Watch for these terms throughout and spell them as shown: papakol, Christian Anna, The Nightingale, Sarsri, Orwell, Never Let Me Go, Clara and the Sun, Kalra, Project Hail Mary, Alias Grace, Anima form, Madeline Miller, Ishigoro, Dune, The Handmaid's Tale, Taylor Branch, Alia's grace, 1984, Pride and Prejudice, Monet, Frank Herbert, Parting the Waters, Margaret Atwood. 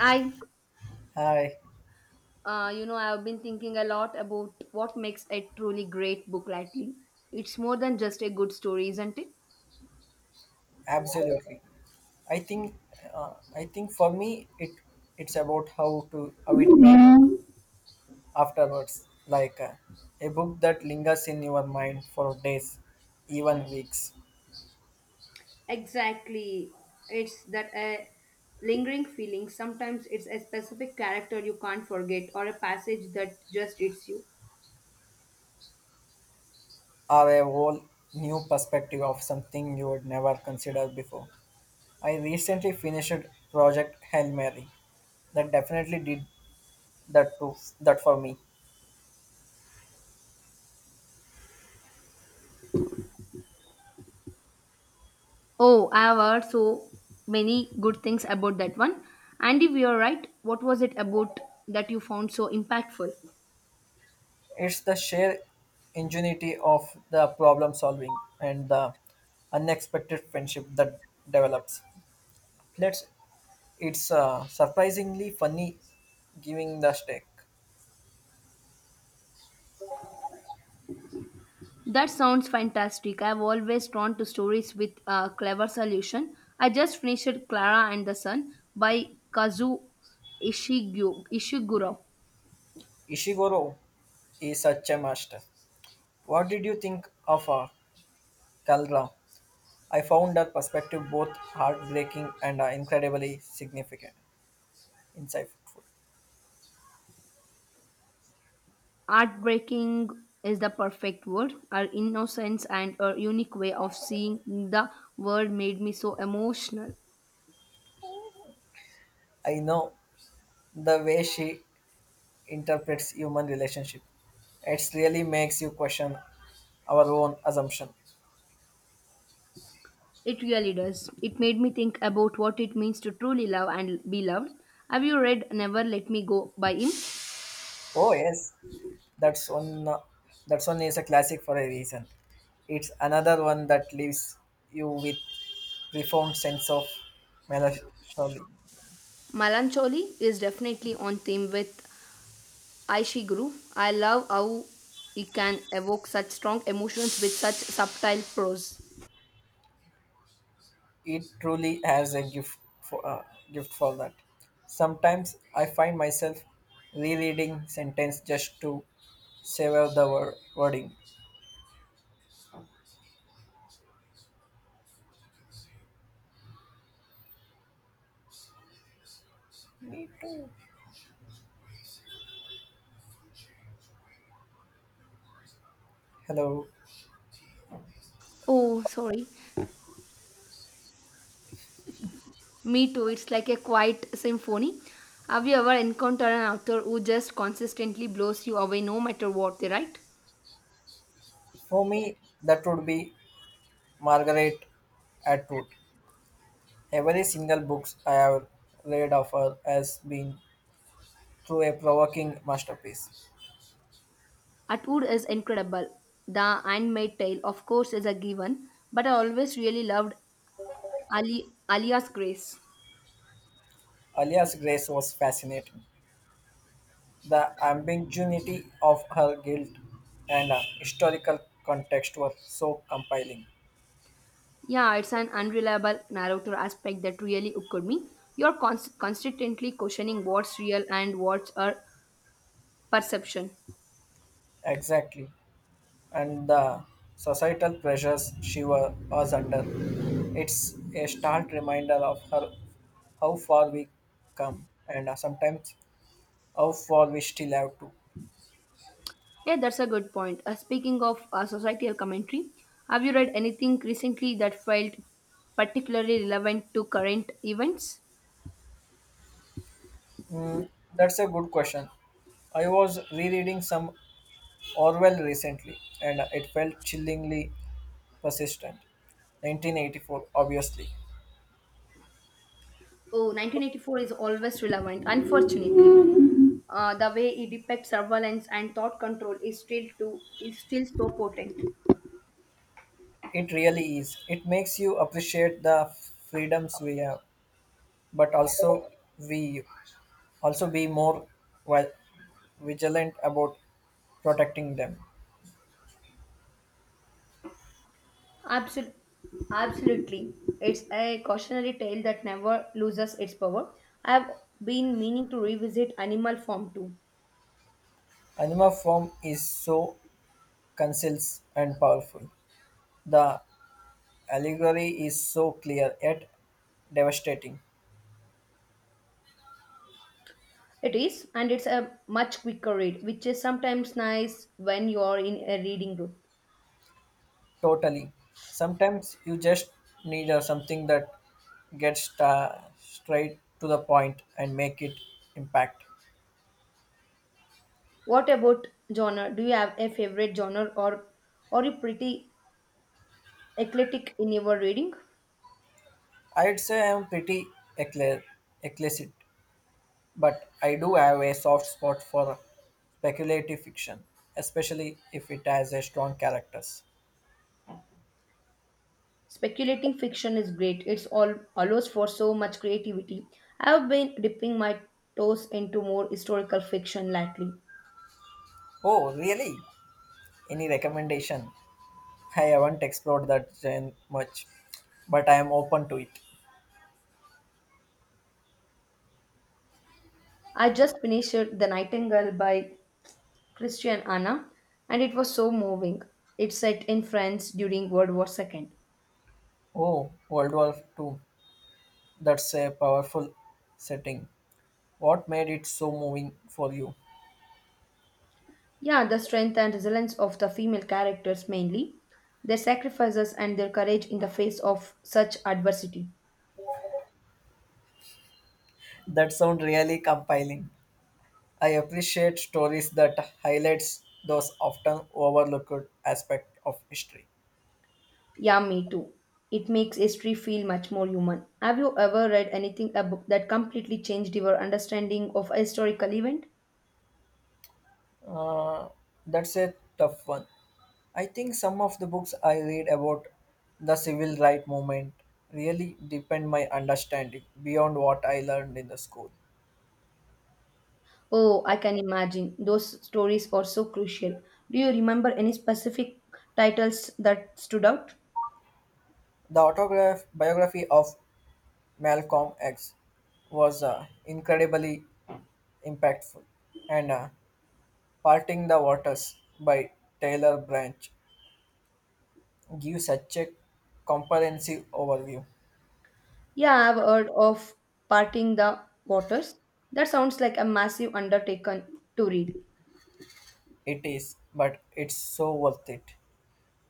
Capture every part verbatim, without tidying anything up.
I, Hi, uh, you know, I've been thinking a lot about what makes a truly great book lately. It's more than just a good story, isn't it? absolutely. I think uh, I think for me it it's about how to how it makes afterwards like uh, a book that lingers in your mind for days, even weeks, Exactly. It's that a lingering feeling. Sometimes it's a specific character you can't forget or a passage that just hits you. or a whole new perspective of something you would never consider before. I recently finished Project Hail Mary. That definitely did that too that for me. Oh, I've heard so many good things about that one. Andy, we are right. What was it about that you found so impactful? It's the sheer ingenuity of the problem solving and the unexpected friendship that develops. Let's, it's uh, surprisingly funny giving the stake. That sounds fantastic. I've always drawn to stories with a clever solution. I just finished Clara and the Sun by Kazu Ishigu- Ishiguro. Ishigoro is such a master. What did you think of uh, Kalra? I found her perspective both heartbreaking and uh, incredibly significant, insightful. Heartbreaking is the perfect word. Her innocence and her unique way of seeing the world made me so emotional. I know the way she interprets human relationship. It really makes you question our own assumption. It really does. It made me think about what it means to truly love and be loved. Have you read Never Let Me Go by him? Oh, yes. That's one. uh, That's one is a classic for a reason. It's another one that leaves you with profound sense of melancholy. Melancholy is definitely on theme with Aishi Guru. I love how he can evoke such strong emotions with such subtle prose. It truly has a gift for uh, gift for that. Sometimes I find myself rereading sentence just to savor the wor- wording. Hello. Oh, sorry. Me too. It's like a quiet symphony. Have you ever encountered an author who just consistently blows you away no matter what they write? For me, that would be Margaret Atwood. Every single book I have read of her has been through a provoking masterpiece. Atwood is incredible. The Handmaid's Tale, of course, is a given, but I always really loved Ali, Alia's Grace. Alia's grace was fascinating. The ambiguity of her guilt and uh, historical context were so compelling. Yeah, it's an unreliable narrator aspect that really occurred me. You're cons- constantly questioning what's real and what's a perception. Exactly. And the societal pressures she wa- was under. It's a stark reminder of her how far we come and uh, sometimes how far we still have to. Yeah, that's a good point. Uh, speaking of uh, societal commentary, have you read anything recently that felt particularly relevant to current events? Mm, that's a good question. I was rereading some Orwell recently and it felt chillingly persistent. nineteen eighty-four, obviously. Oh, nineteen eighty-four is always relevant, unfortunately. Uh, the way it depicts surveillance and thought control is still too, is still so potent. It really is. It makes you appreciate the freedoms we have, but also we also be more well, vigilant about protecting them. Absol- absolutely. It's a cautionary tale that never loses its power. I have been meaning to revisit Animal Farm too. Anima form is so concise and powerful. The allegory is so clear yet devastating. It is, and it's a much quicker read, which is sometimes nice when you are in a reading group. Totally. Sometimes you just need a, something that gets uh, straight to the point and make it impact. What about genre? Do you have a favorite genre, or are you pretty eclectic in your reading? I'd say I'm pretty eclair, eclectic, but I do have a soft spot for speculative fiction, especially if it has a strong characters. Speculating fiction is great. It's all allows for so much creativity. I have been dipping my toes into more historical fiction lately. Oh, really? Any recommendation? I haven't explored that gen much, but I am open to it. I just finished The Nightingale by Christian Anna and it was so moving. It's set in France during World War two. Oh, World War Two. That's a powerful setting. What made it so moving for you? Yeah, the strength and resilience of the female characters mainly, their sacrifices and their courage in the face of such adversity. That sound really compelling. I appreciate stories that highlights those often overlooked aspect of history. Yeah, me too. It makes history feel much more human. Have you ever read anything a book that completely changed your understanding of a historical event? Uh, that's a tough one. I think some of the books I read about the civil rights movement really deepen my understanding beyond what I learned in the school. Oh, I can imagine. Those stories are so crucial. Do you remember any specific titles that stood out? The autograph biography of Malcolm X was uh, incredibly impactful, and uh, Parting the Waters by Taylor Branch gives such a comprehensive overview. Yeah, I've heard of Parting the Waters. That sounds like a massive undertaking to read. It is, but it's so worth it.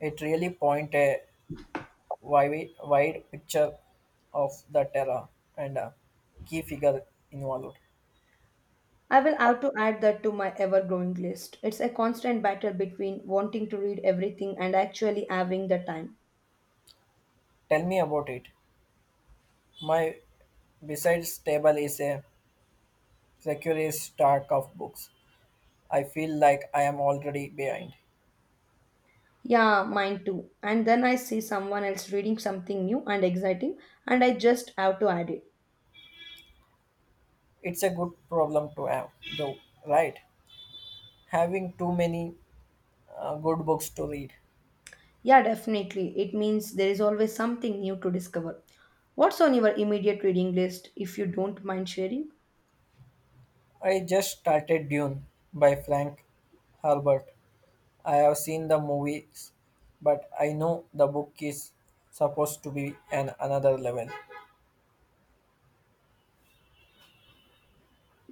It really points a wide, wide picture of the terror and a key figure involved. I will have to add that to my ever growing list. It's a constant battle between wanting to read everything and actually having the time. Tell me about it. My besides table is a precarious stack of books. I feel like I am already behind. Yeah, mine too. And then I see someone else reading something new and exciting, and I just have to add it. It's a good problem to have, though, right? Having too many uh, good books to read. Yeah, definitely. It means there is always something new to discover. What's on your immediate reading list, if you don't mind sharing? I just started Dune by Frank Herbert. I have seen the movies, but I know the book is supposed to be an another level.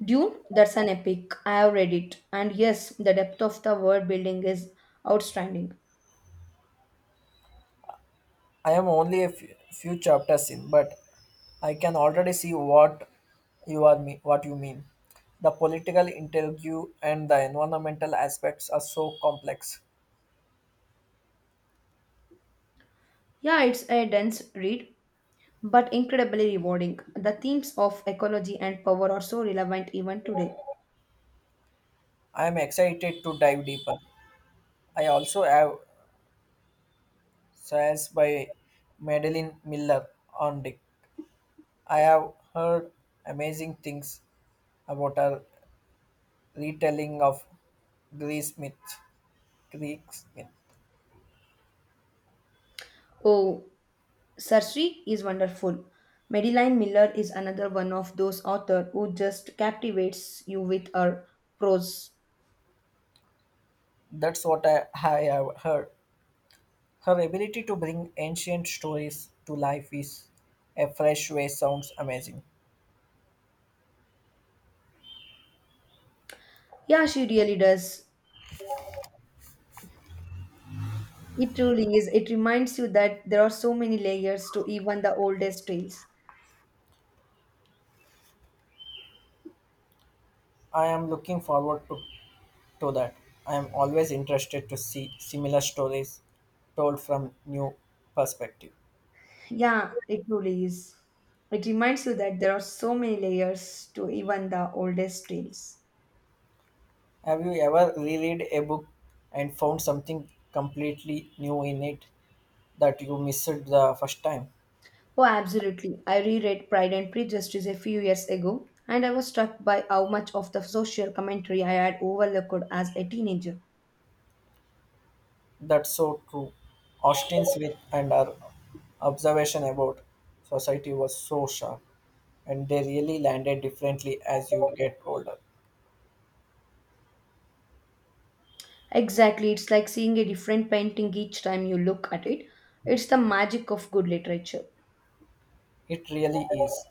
Dune, that's an epic. I have read it. And yes, the depth of the world building is outstanding. I am only a few, few chapters in, but I can already see what you are me- what you mean. The political interview and the environmental aspects are so complex. Yeah, it's a dense read, but incredibly rewarding. The themes of ecology and power are so relevant even today. I am excited to dive deeper. I also have Science by Madeline Miller on Dick. I have heard amazing things about her retelling of Greek myth. Greek myth. Oh, Sarsri is wonderful. Madeline Miller is another one of those authors who just captivates you with her prose. That's what I, I have heard. Her ability to bring ancient stories to life is a fresh way sounds amazing. Yeah, she really does. It truly is. It reminds you that there are so many layers to even the oldest tales. I am looking forward to, to that. I am always interested to see similar stories told from new perspective. Yeah, it truly is. It reminds you that there are so many layers to even the oldest tales. Have you ever reread a book and found something completely new in it that you missed the first time? Oh, absolutely. I reread Pride and Prejudice a few years ago, and I was struck by how much of the social commentary I had overlooked as a teenager. That's so true. Austin's wit and her observation about society was so sharp, and they really landed differently as you get older. Exactly, it's like seeing a different painting each time you look at it. It's the magic of good literature. It really is.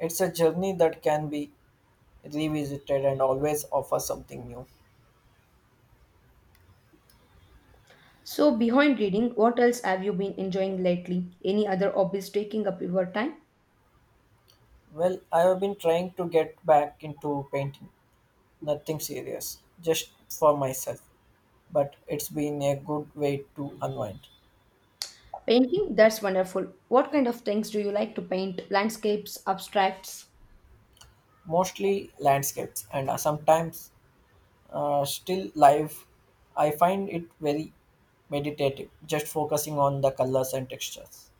It's a journey that can be revisited and always offer something new. So, behind reading, what else have you been enjoying lately? Any other hobbies taking up your time? Well, I have been trying to get back into painting. Nothing serious, just for myself, but it's been a good way to unwind. Painting? That's wonderful. What kind of things do you like to paint? Landscapes, abstracts? Mostly landscapes and uh, sometimes uh, still life. I find it very meditative, just focusing on the colors and textures.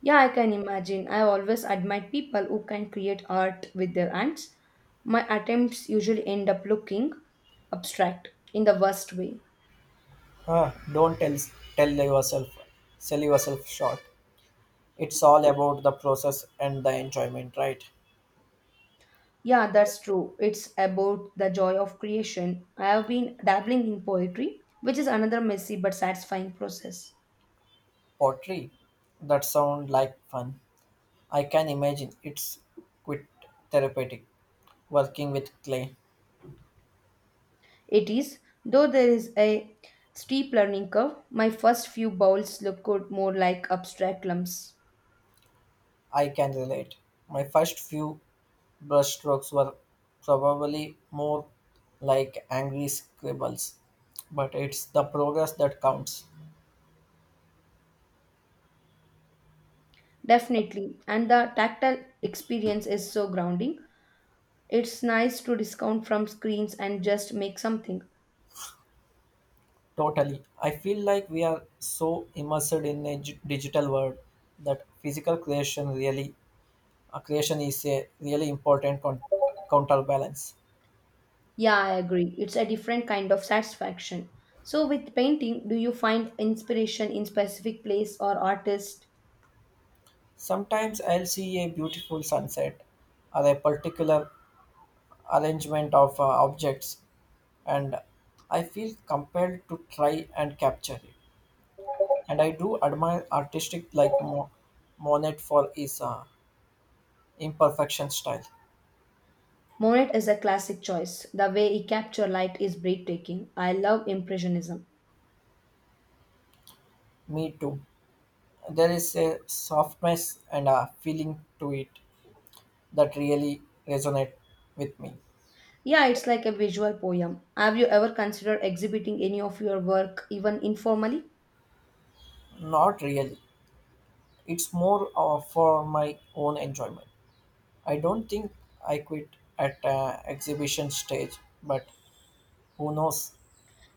Yeah, I can imagine. I always admire people who can create art with their hands. My attempts usually end up looking abstract in the worst way. Ah, don't tell tell yourself, sell yourself short. It's all about the process and the enjoyment, right? Yeah, that's true. It's about the joy of creation. I have been dabbling in poetry, which is another messy but satisfying process. Pottery, that sound like fun. I can imagine it's quite therapeutic working with clay. It is, though there is a steep learning curve, my first few bowls looked more like abstract lumps. I can relate. My first few brushstrokes were probably more like angry scribbles, but it's the progress that counts. Definitely, and the tactile experience is so grounding. It's nice to discount from screens and just make something. Totally. I feel like we are so immersed in a gi- digital world that physical creation really, a creation is a really important con- counterbalance. Yeah, I agree. It's a different kind of satisfaction. So, with painting, do you find inspiration in specific place or artist? Sometimes I'll see a beautiful sunset or a particular arrangement of uh, objects and I feel compelled to try and capture it. And I do admire artistic like Mo- Monet for his uh, imperfection style. Monet is a classic choice. The way he captured light is breathtaking. I love impressionism. Me too. There is a softness and a feeling to it that really resonate with me. Yeah, it's like a visual poem. Have you ever considered exhibiting any of your work, even informally? Not really. It's more uh, for my own enjoyment. I don't think I quit at uh, exhibition stage, but who knows?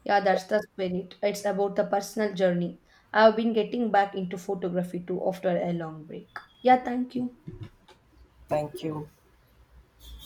Yeah, that's the spirit. It's about the personal journey. I've been getting back into photography too after a long break. Yeah, thank you. Thank you.